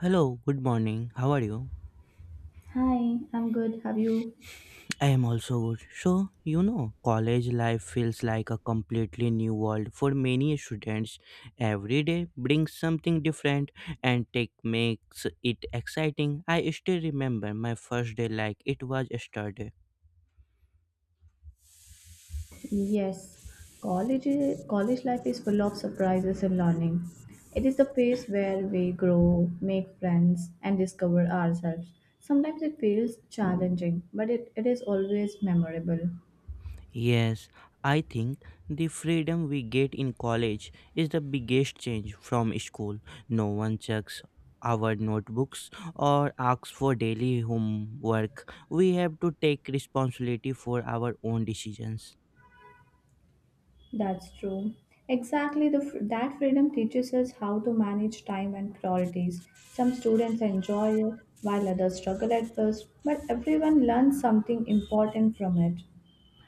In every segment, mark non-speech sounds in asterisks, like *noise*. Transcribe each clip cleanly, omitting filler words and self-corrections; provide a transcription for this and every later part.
Hello, good morning. How are you? Hi, I'm good. Have you? I am also good. So, college life feels like a completely new world for many students. Every day brings something different and tech makes it exciting. I still remember my first day like it was yesterday. Yes, college college life is full of surprises and learning. It is the phase where we grow, make friends, and discover ourselves. Sometimes it feels challenging, but it is always memorable. Yes, I think the freedom we get in college is the biggest change from school. No one checks our notebooks or asks for daily homework. We have to take responsibility for our own decisions. That's true. Exactly, that freedom teaches us how to manage time and priorities. Some students enjoy it, while others struggle at first, but everyone learns something important from it.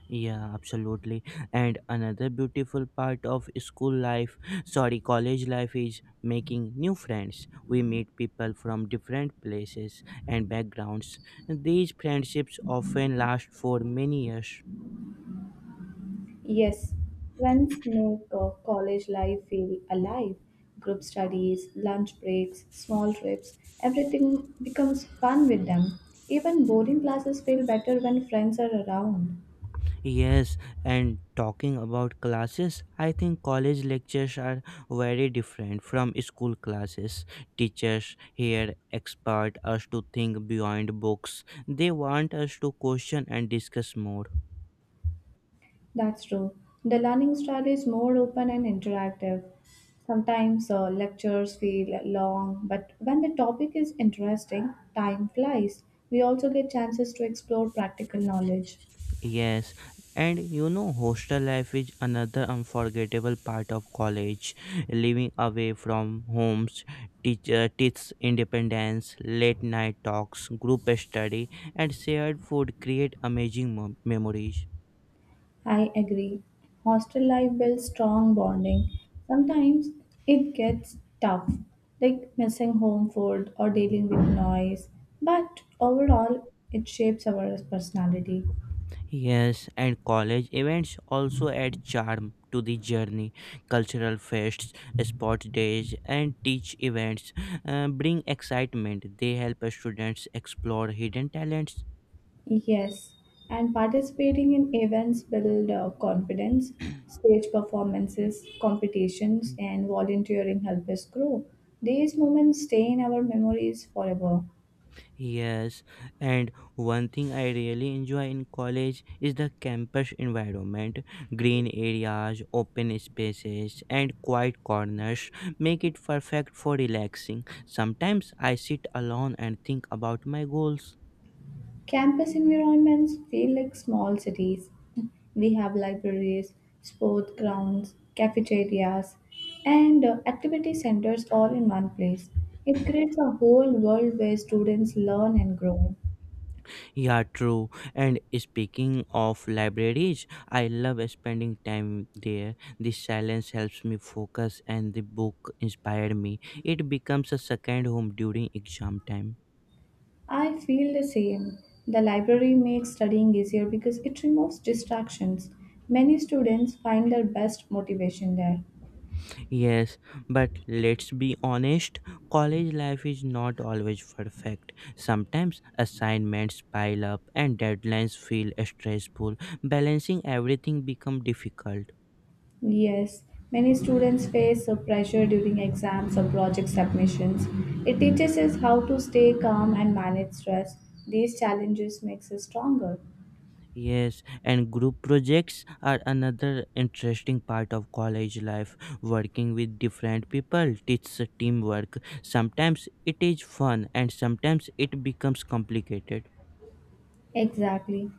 Yeah, absolutely. And another beautiful part of school life, sorry, college life is making new friends. We meet people from different places and backgrounds. These friendships often last for many years. Yes, friends make college life feel alive. Group studies, lunch breaks, small trips, everything becomes fun with them. Even boarding classes feel better when friends are around. Yes, and talking about classes, I think college lectures are very different from school classes. Teachers here expect us to think beyond books. They want us to question and discuss more. That's true. The learning style is more open and interactive. Sometimes lectures feel long, but when the topic is interesting, time flies. We also get chances to explore practical knowledge. Yes, and hostel life is another unforgettable part of college. Living away from homes teaches independence, late night talks, group study, and shared food create amazing memories. I agree. Hostel life builds strong bonding. Sometimes it gets tough, like missing home food or dealing with noise, but overall, it shapes our personality. Yes, and college events also add charm to the journey. Cultural fests, sports days, and teach events bring excitement. They help students explore hidden talents. Yes, and participating in events build confidence. Stage performances, competitions, *clears throat* and volunteering help us grow. These moments stay in our memories forever. Yes, and one thing I really enjoy in college is the campus environment. Green areas, open spaces, and quiet corners make it perfect for relaxing. Sometimes I sit alone and think about my goals. Campus environments feel like small cities. We have libraries, sport grounds, cafeterias, and activity centers all in one place. It creates a whole world where students learn and grow. Yeah, true. And speaking of libraries, I love spending time there. The silence helps me focus, and the book inspired me. It becomes a second home during exam time. I feel the same. The library makes studying easier because it removes distractions. Many students find their best motivation there. Yes, but let's be honest, college life is not always perfect. Sometimes assignments pile up and deadlines feel stressful. Balancing everything becomes difficult. Yes, many students face a pressure during exams or project submissions. It teaches us how to stay calm and manage stress. These challenges makes us stronger. Yes, and group projects are another interesting part of college life. Working with different people teaches teamwork. Sometimes it is fun and sometimes it becomes complicated. Exactly.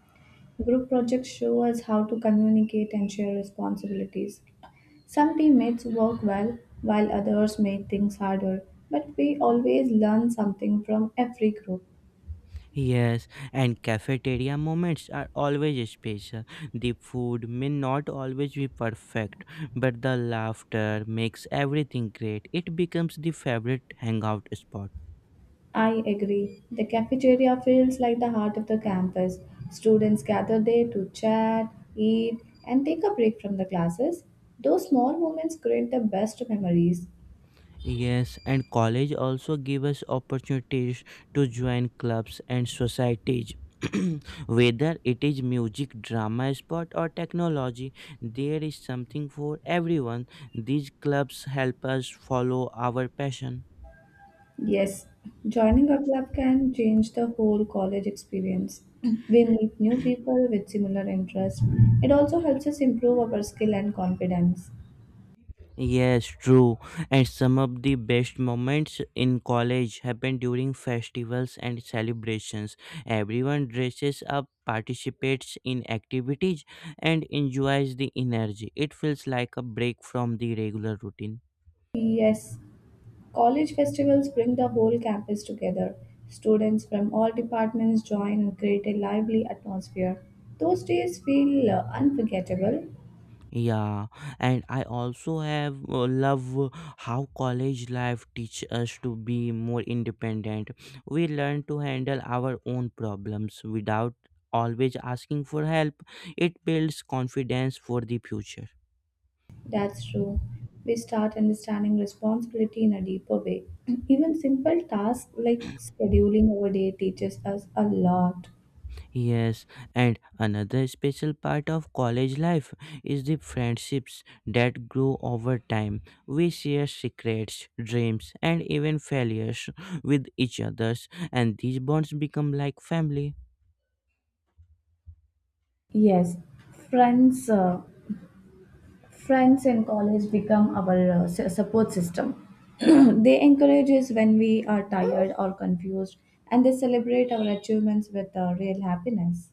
Group projects show us how to communicate and share responsibilities. Some teammates work well while others make things harder, but we always learn something from every group. Yes, and cafeteria moments are always special. The food may not always be perfect, but the laughter makes everything great. It becomes the favorite hangout spot. I agree. The cafeteria feels like the heart of the campus. Students gather there to chat, eat, and take a break from the classes. Those small moments create the best memories. Yes, and college also gives us opportunities to join clubs and societies. *clears throat* Whether it is music, drama, sport, or technology, there is something for everyone. These clubs help us follow our passion. Yes, joining a club can change the whole college experience. *clears throat* We meet new people with similar interests. It also helps us improve our skill and confidence. Yes, true. And some of the best moments in college happen during festivals and celebrations. Everyone dresses up, participates in activities, and enjoys the energy. It feels like a break from the regular routine. Yes. College festivals bring the whole campus together. Students from all departments join and create a lively atmosphere. Those days feel unforgettable. Yeah, and I also have love how college life teach us to be more independent. We learn to handle our own problems without always asking for help. It builds confidence for the future. That's true. We start understanding responsibility in a deeper way. *clears throat* Even simple tasks like scheduling our day teaches us a lot. Yes, and another special part of college life is the friendships that grow over time. We share secrets, dreams, and even failures with each others, and these bonds become like family. Yes, friends. Uh, friends in college become our support system. *clears throat* They encourage us when we are tired or confused, and they celebrate our achievements with real happiness.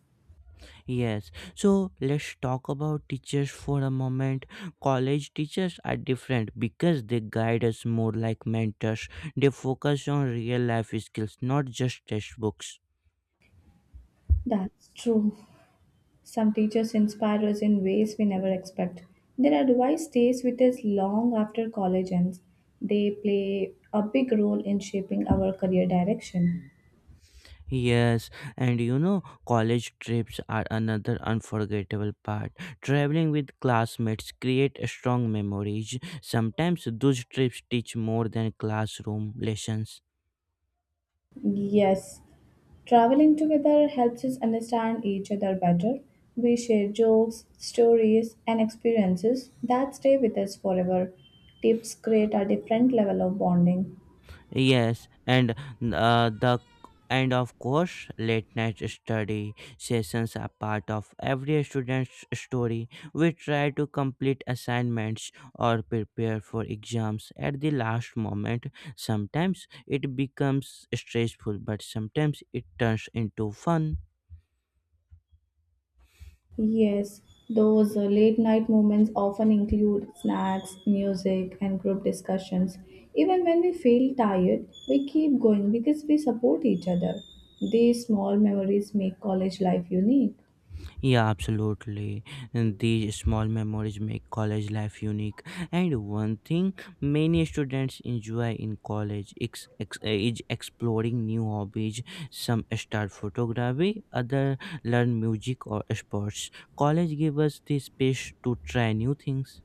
Yes, so let's talk about teachers for a moment. College teachers are different because they guide us more like mentors. They focus on real life skills, not just textbooks. That's true. Some teachers inspire us in ways we never expect. Their advice stays with us long after college ends. They play a big role in shaping our career direction. Yes, and college trips are another unforgettable part. Traveling with classmates create strong memories. Sometimes those trips teach more than classroom lessons. Yes, traveling together helps us understand each other better. We share jokes, stories, and experiences that stay with us forever. Tips create a different level of bonding. Yes, uh, the and of course, late night study sessions are part of every student's story. We try to complete assignments or prepare for exams at the last moment. Sometimes it becomes stressful, but sometimes it turns into fun. Yes, those late night moments often include snacks, music, and group discussions. Even when we feel tired, we keep going because we support each other. These small memories make college life unique. Yeah, absolutely. And these small memories make college life unique. And one thing many students enjoy in college is exploring new hobbies. Some start photography, others learn music or sports. College gives us the space to try new things.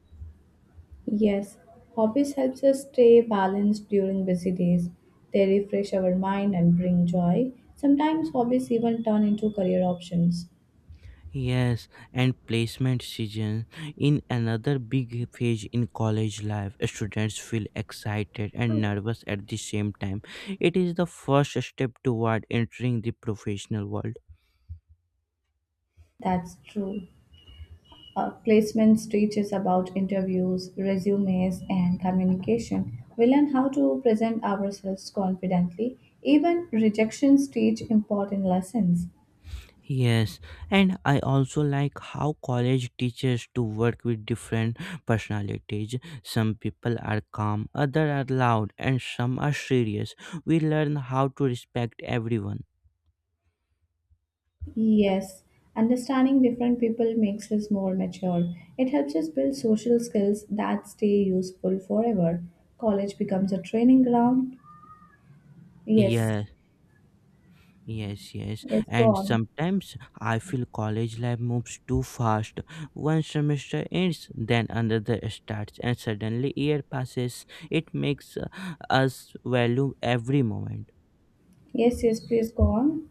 Yes, hobbies helps us stay balanced during busy days. They refresh our mind and bring joy. Sometimes hobbies even turn into career options. Yes, and placement season in another big phase in college life. Students feel excited and nervous at the same time. It is the first step toward entering the professional world. That's true. Placements teach us about interviews, resumes, and communication. We learn how to present ourselves confidently. Even rejections teach important lessons. Yes, and I also like how college teaches to work with different personalities. Some people are calm, others are loud, and some are serious. We learn how to respect everyone. Yes, understanding different people makes us more mature. It helps us build social skills that stay useful forever. College becomes a training ground. Yes, Yes. Yes. yes, go And on. sometimes I feel college life moves too fast. One semester ends, then another starts, and suddenly year passes. It makes us value every moment. Yes, yes, please go on.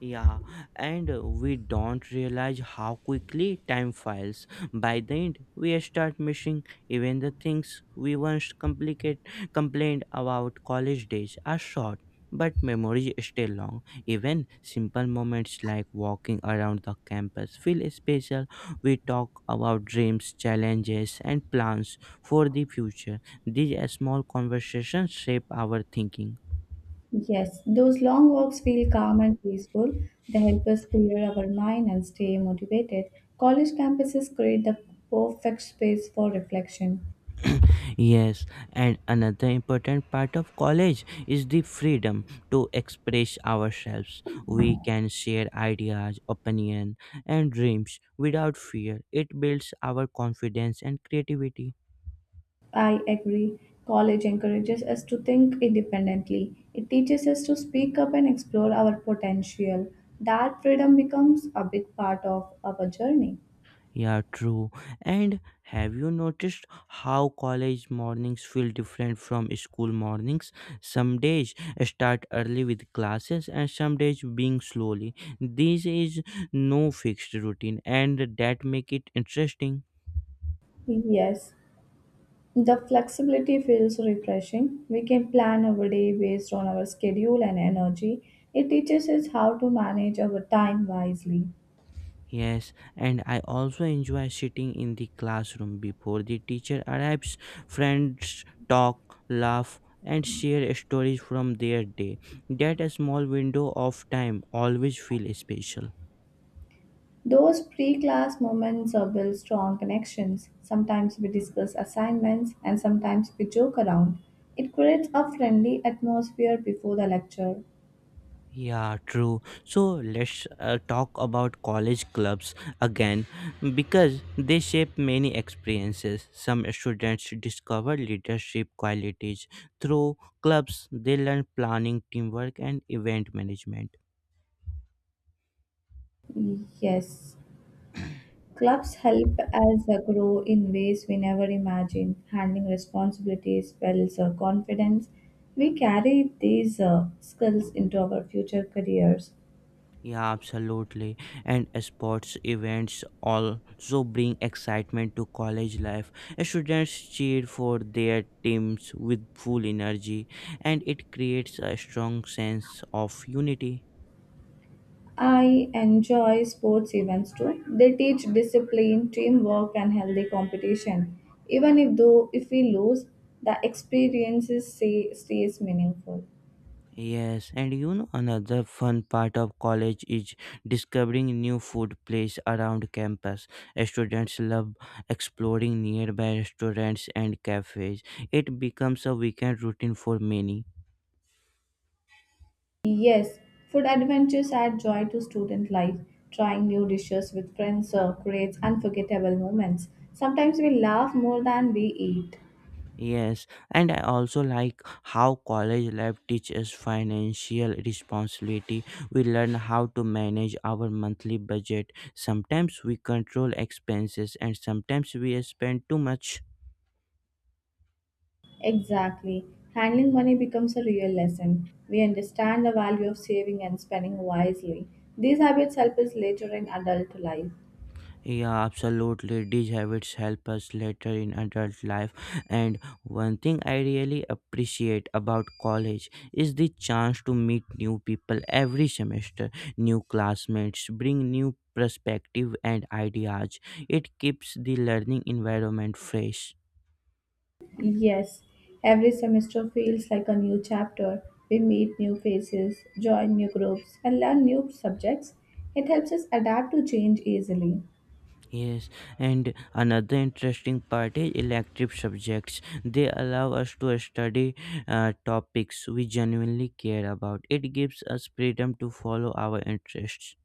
Yeah, and we don't realize how quickly time files. By the end, we start missing even the things we once complicate complained about. College days are short, but memories stay long. Even simple moments like walking around the campus feel special. We talk about dreams, challenges, and plans for the future. These small conversations shape our thinking. Yes, those long walks feel calm and peaceful. They help us clear our mind and stay motivated. College campuses create the perfect space for reflection. *coughs* *clears throat* Yes, and another important part of college is the freedom to express ourselves. We can share ideas, opinion, and dreams without fear. It builds our confidence and creativity. I agree. College encourages us to think independently. It teaches us to speak up and explore our potential. That freedom becomes a big part of our journey. Yeah, true. And have you noticed how college mornings feel different from school mornings? Some days start early with classes and some days being slowly. This is no fixed routine and that make it interesting. Yes, the flexibility feels refreshing. We can plan our day based on our schedule and energy. It teaches us how to manage our time wisely. Yes, and I also enjoy sitting in the classroom before the teacher arrives. Friends talk, laugh, and share stories from their day. That a small window of time always feel special. Those pre-class moments build strong connections. Sometimes we discuss assignments and sometimes we joke around. It creates a friendly atmosphere before the lecture. Yeah, true. So let's talk about college clubs again because they shape many experiences. Some students discover leadership qualities through clubs, they learn planning, teamwork, and event management. Yes, clubs help us grow in ways we never imagined. Handling responsibilities builds confidence. We carry these skills into our future careers. Yeah, absolutely. And sports events also bring excitement to college life. Students cheer for their teams with full energy, and it creates a strong sense of unity. I enjoy sports events too. They teach discipline, teamwork, and healthy competition. Even if though if we lose, the stays meaningful. Yes, and you know another fun part of college is discovering new food places around campus. Students love exploring nearby restaurants and cafes. It becomes a weekend routine for many. Yes, food adventures add joy to student life. Trying new dishes with friends creates unforgettable moments. Sometimes we laugh more than we eat. Yes, and I also like how college life teaches financial responsibility. We learn how to manage our monthly budget. Sometimes we control expenses and sometimes we spend too much. Exactly. Handling money becomes a real lesson. We understand the value of saving and spending wisely. These habits help us later in adult life. Yeah, absolutely. These habits help us later in adult life. And one thing I really appreciate about college is the chance to meet new people every semester. New classmates bring new perspective and ideas. It keeps the learning environment fresh. Yes, every semester feels like a new chapter. We meet new faces, join new groups, and learn new subjects. It helps us adapt to change easily. Yes, and another interesting part is elective subjects. They allow us to study topics we genuinely care about. It gives us freedom to follow our interests.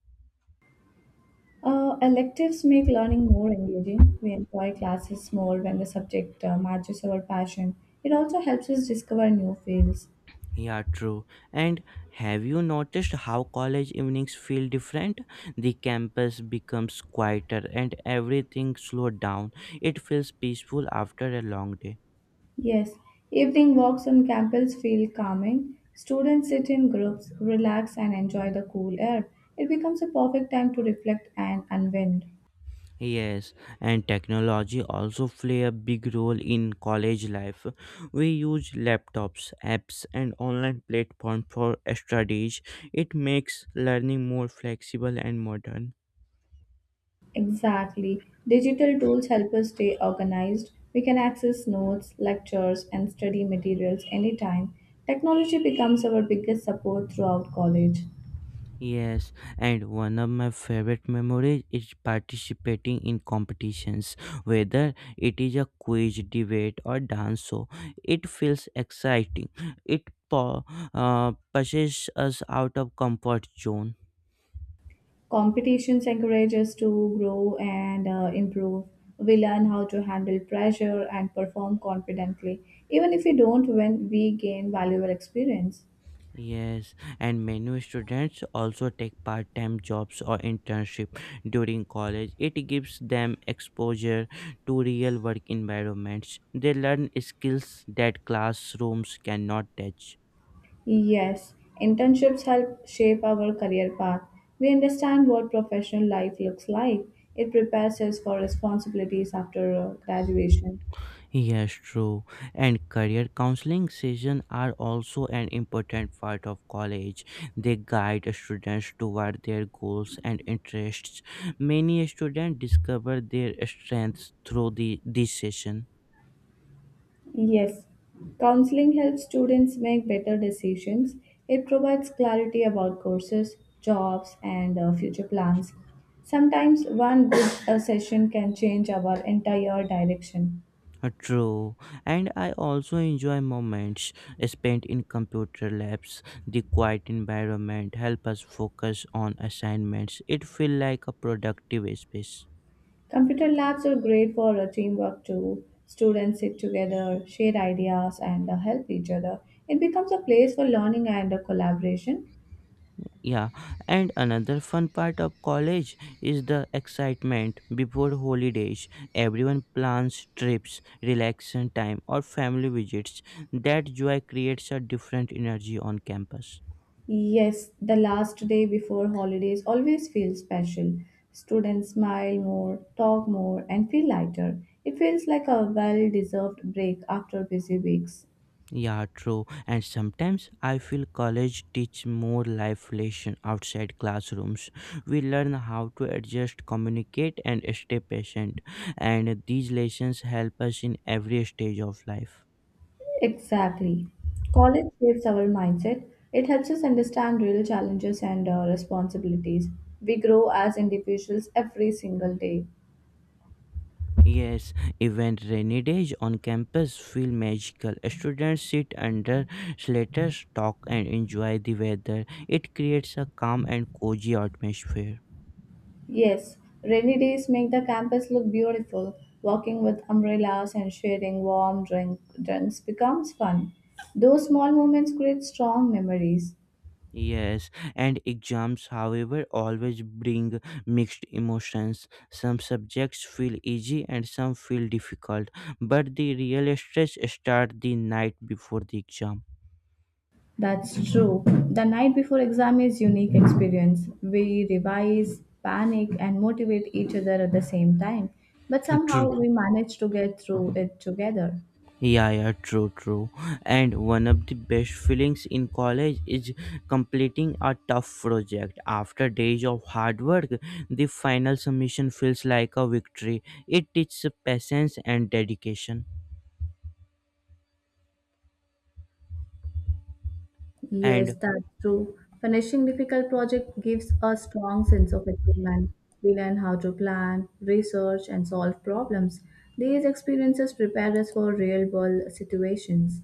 Electives make learning more engaging. We enjoy classes more when the subject matches our passion. It also helps us discover new fields. Yeah, true. And have you noticed how college evenings feel different? The campus becomes quieter and everything slowed down. It feels peaceful after a long day. Yes, evening walks on campus feel calming. Students sit in groups, relax, and enjoy the cool air. It becomes a perfect time to reflect and unwind. Yes, and technology also play a big role in college life. We use laptops, apps, and online platform for studies. It makes learning more flexible and modern. Exactly. Digital tools help us stay organized. We can access notes, lectures, and study materials anytime. Technology becomes our biggest support throughout college. Yes, and one of my favorite memories is participating in competitions, whether it is a quiz, debate, or dance show. It feels exciting. It pu- pushes us out of comfort zone. Competitions encourage us to grow and improve. We learn how to handle pressure and perform confidently. Even if we don't win, we gain valuable experience. Yes, and many students also take part-time jobs or internship during college. It gives them exposure to real work environments. They learn skills that classrooms cannot teach. Yes, internships help shape our career path. We understand what professional life looks like. It prepares us for responsibilities after graduation. Yes, true. And career counseling sessions are also an important part of college. They guide students toward their goals and interests. Many students discover their strengths through this session. Yes, counseling helps students make better decisions. It provides clarity about courses, jobs, and future plans. Sometimes one good *coughs* session can change our entire direction. True, and I also enjoy moments spent in computer labs. The quiet environment help us focus on assignments. It feel like a productive space. Computer labs are great for teamwork too. Students sit together, share ideas, and help each other. It becomes a place for learning and collaboration. Yeah, and another fun part of college is the excitement before holidays. Everyone plans trips, relaxation time, or family visits. That joy creates a different energy on campus. Yes, the last day before holidays always feels special. Students smile more, talk more, and feel lighter. It feels like a well deserved break after busy weeks. Yeah, true. And sometimes I feel college teach more life lesson outside classrooms. We learn how to adjust, communicate, and stay patient. And these lessons help us in every stage of life. Exactly. College shapes our mindset. It helps us understand real challenges and responsibilities. We grow as individuals every single day. Yes, even rainy days on campus feel magical. Students sit under slaters, talk, and enjoy the weather. It creates a calm and cozy atmosphere. Yes, rainy days make the campus look beautiful. Walking with umbrellas and sharing warm drinks becomes fun. Those small moments create strong memories. Yes, and exams, however, always bring mixed emotions. Some subjects feel easy and some feel difficult, but the real stress starts the night before the exam. That's true. The night before exam is unique experience. We revise, panic and motivate each other at the same time, but somehow True. we manage to get through it together. Yeah, true. And one of the best feelings in college is completing a tough project. After days of hard work, the final submission feels like a victory. It teaches patience and dedication. Yes, And that's true. Finishing difficult project gives a strong sense of achievement. We learn how to plan, research, and solve problems. These experiences prepare us for real-world situations.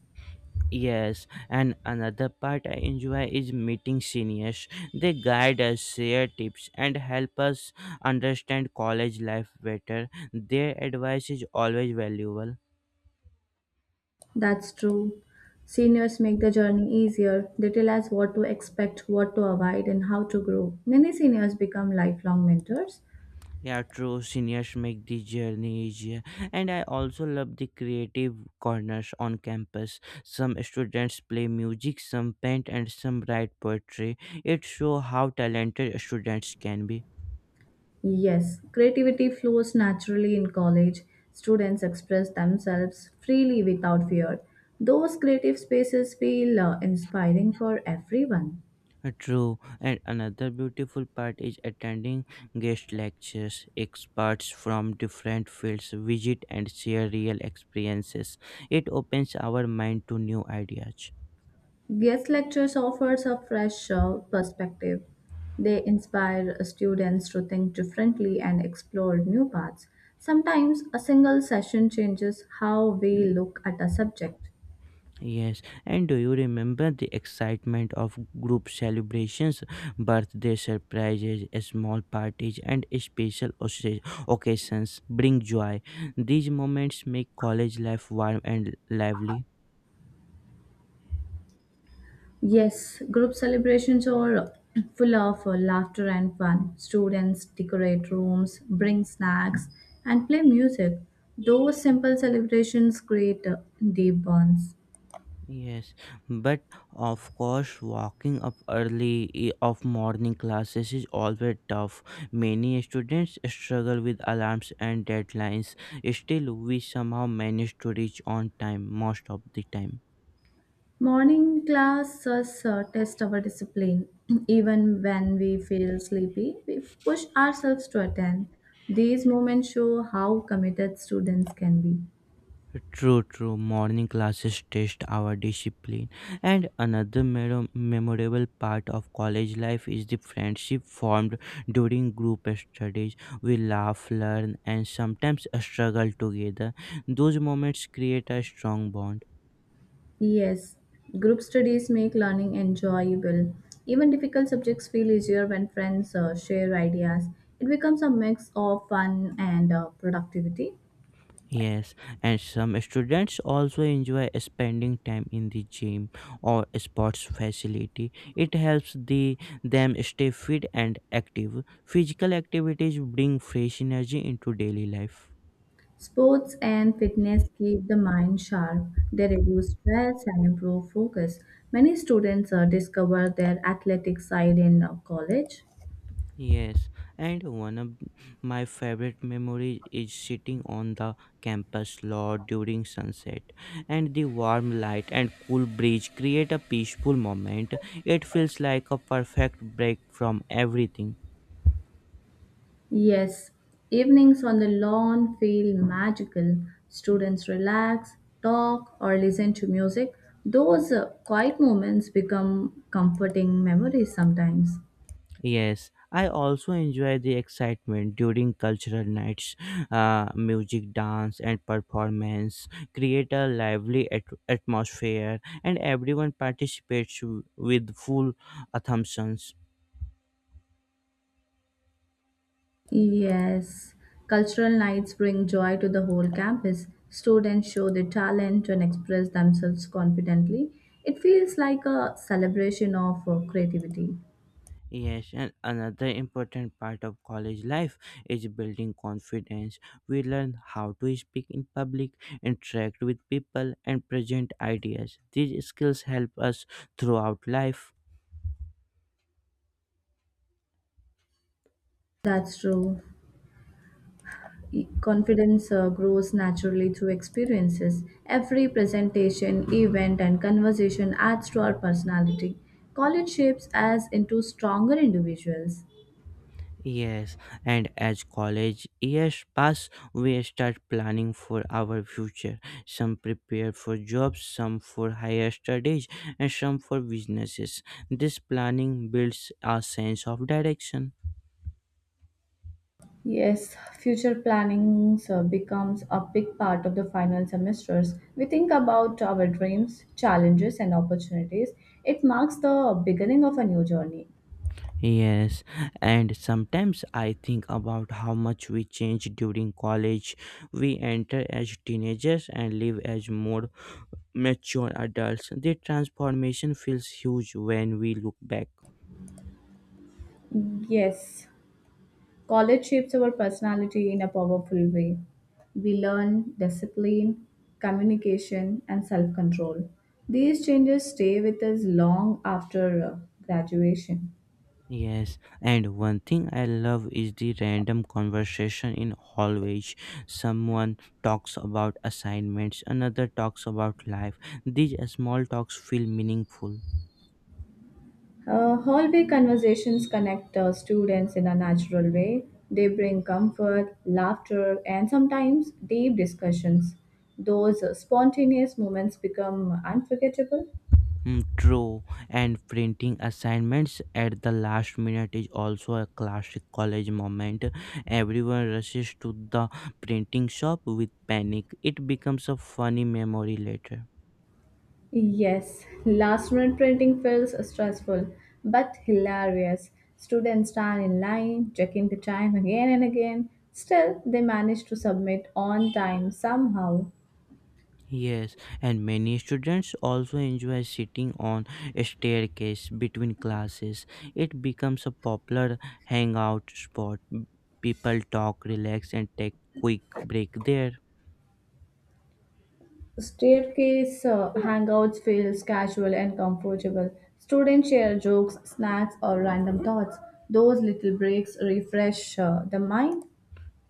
Yes, and another part I enjoy is meeting seniors. They guide us, share tips, and help us understand college life better. Their advice is always valuable. That's true. Seniors make the journey easier. They tell us what to expect, what to avoid, and how to grow. Many seniors become lifelong mentors. Yeah, true. Seniors make the journey easier, and I also love the creative corners on campus. Some students play music, some paint, and some write poetry. It shows how talented students can be. Yes, creativity flows naturally in college. Students express themselves freely without fear. Those creative spaces feel inspiring for everyone. True, and another beautiful part is attending guest lectures. Experts from different fields visit and share real experiences. It opens our mind to new ideas. Guest lectures offers a fresh perspective. They inspire students to think differently and explore new paths. Sometimes a single session changes how we look at a subject. Yes, and do you remember the excitement of group celebrations, birthday surprises, small parties, and special occasions bring joy? These moments make college life warm and lively. Yes, group celebrations are full of laughter and fun. Students decorate rooms, bring snacks, and play music. Those simple celebrations create deep bonds. Yes, but of course, walking up early of morning classes is always tough. Many students struggle with alarms and deadlines. Still, we somehow manage to reach on time most of the time. Morning classes test our discipline. *clears throat* Even when we feel sleepy, we push ourselves to attend. These moments show how committed students can be. True. Morning classes test our discipline. And another memorable part of college life is the friendship formed during group studies. We laugh, learn, and sometimes struggle together. Those moments create a strong bond. Yes, group studies make learning enjoyable. Even difficult subjects feel easier when friends share ideas. It becomes a mix of fun and productivity. Yes, and some students also enjoy spending time in the gym or sports facility. It helps them stay fit and active. Physical activities bring fresh energy into daily life. Sports and fitness keep the mind sharp. They reduce stress and improve focus. Many students discover their athletic side in college. Yes, and one of my favorite memories is sitting on the campus lot during sunset, and the warm light and cool breeze create a peaceful moment. It feels like a perfect break from everything. Yes, evenings on the lawn feel magical. Students relax, talk, or listen to music. Those quiet moments become comforting memories sometimes. Yes, I also enjoy the excitement during cultural nights. Music, dance, and performance create a lively atmosphere, and everyone participates with full assumptions. Yes, cultural nights bring joy to the whole campus. Students show their talent and express themselves confidently. It feels like a celebration of creativity. Yes, and another important part of college life is building confidence. We learn how to speak in public, interact with people, and present ideas. These skills help us throughout life. That's true. Confidence grows naturally through experiences. Every presentation, event, and conversation adds to our personality. College shapes us into stronger individuals. Yes, and as college years pass, we start planning for our future. Some prepare for jobs, some for higher studies, and some for businesses. This planning builds a sense of direction. Yes, future planning becomes a big part of the final semesters. We think about our dreams, challenges, and opportunities. It marks the beginning of a new journey. Yes, and sometimes I think about how much we change during college. We enter as teenagers and leave as more mature adults. The transformation feels huge when we look back. Yes, college shapes our personality in a powerful way. We learn discipline, communication, and self control. These changes stay with us long after graduation. Yes, and one thing I love is the random conversation in hallways. Someone talks about assignments, another talks about life. These small talks feel meaningful. Hallway conversations connect students in a natural way. They bring comfort, laughter, and sometimes deep discussions. Those spontaneous moments become unforgettable. Mm, true, and printing assignments at the last minute is also a classic college moment. Everyone rushes to the printing shop with panic. It becomes a funny memory later. Yes, last minute printing feels stressful but hilarious. Students stand in line, checking the time again and again. Still, they manage to submit on time somehow. Yes, and many students also enjoy sitting on a staircase between classes. It becomes a popular hangout spot. People talk, relax, and take quick break there. Staircase hangouts feels casual and comfortable. Students share jokes, snacks, or random thoughts. Those little breaks refresh the mind.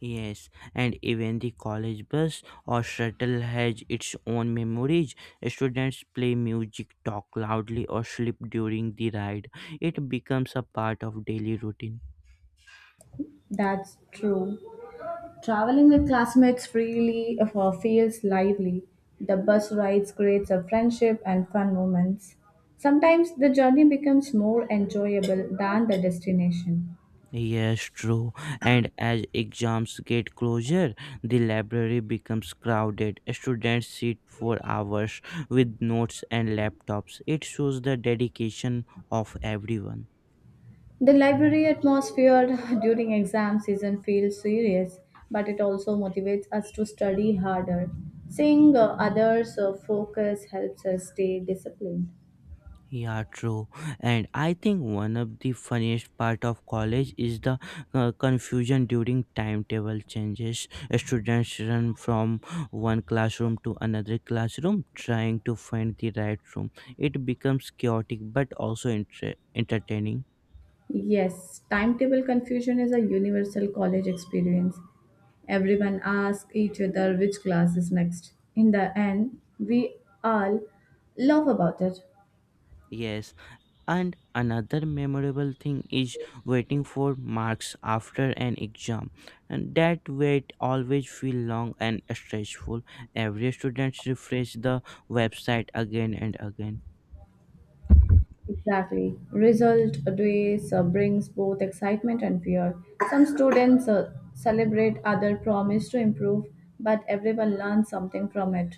Yes, and even the college bus or shuttle has its own memories. Students play music, talk loudly, or sleep during the ride. It becomes a part of daily routine. That's true. Traveling with classmates freely feels lively. The bus rides creates a friendship and fun moments. Sometimes the journey becomes more enjoyable than the destination. Yes, true. And as exams get closer, the library becomes crowded. Students sit for hours with notes and laptops. It shows the dedication of everyone. The library atmosphere *laughs* during exam season feels serious, but it also motivates us to study harder. Seeing others focus helps us stay disciplined. Yeah, true. And I think one of the funniest part of college is the confusion during timetable changes. Students run from one classroom to another classroom trying to find the right room. It becomes chaotic but also entertaining. Yes, timetable confusion is a universal college experience. Everyone asks each other which class is next. In the end, we all laugh about it. Yes, and another memorable thing is waiting for marks after an exam. And that wait always feel long and stressful. Every student refresh the website again and again. Exactly. Result days brings both excitement and fear. Some students celebrate, others promise to improve, but everyone learns something from it.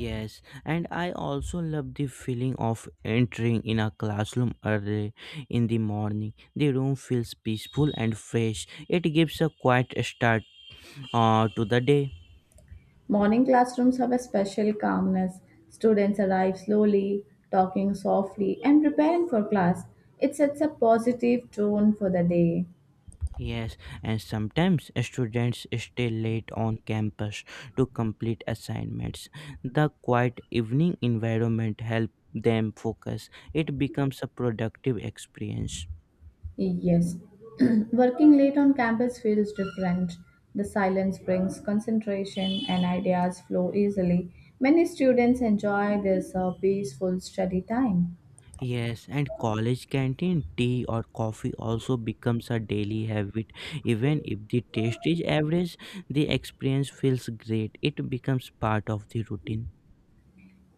Yes, and I also love the feeling of entering in a classroom early in the morning. The room feels peaceful and fresh. It gives a quiet start to the day. Morning classrooms have a special calmness. Students arrive slowly, talking softly, and preparing for class. It sets a positive tone for the day. Yes, and sometimes students stay late on campus to complete assignments. The quiet evening environment helps them focus. It becomes a productive experience. Yes, *clears throat* working late on campus feels different. The silence brings concentration and ideas flow easily. Many students enjoy this peaceful study time. Yes, and college canteen tea or coffee also becomes a daily habit. Even if the taste is average, the experience feels great. It becomes part of the routine.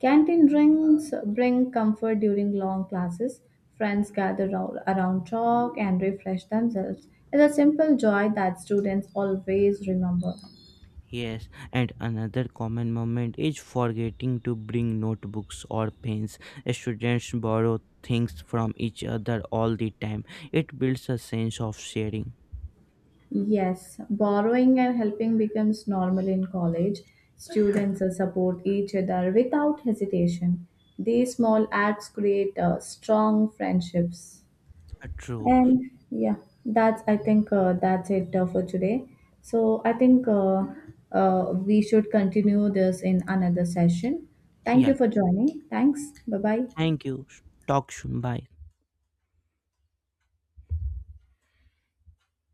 Canteen drinks bring comfort during long classes. Friends around talk and refresh themselves. It's a simple joy that students always remember. Yes, and another common moment is forgetting to bring notebooks or pens. Students borrow things from each other all the time. It builds a sense of sharing. Yes, borrowing and helping becomes normal in college. Students support each other without hesitation. These small acts create strong friendships. True. And yeah, that's I think that's it for today. So I think we should continue this in another session. Thank Yeah. you for joining. Thanks. Bye bye. Thank you. Talk soon. Bye.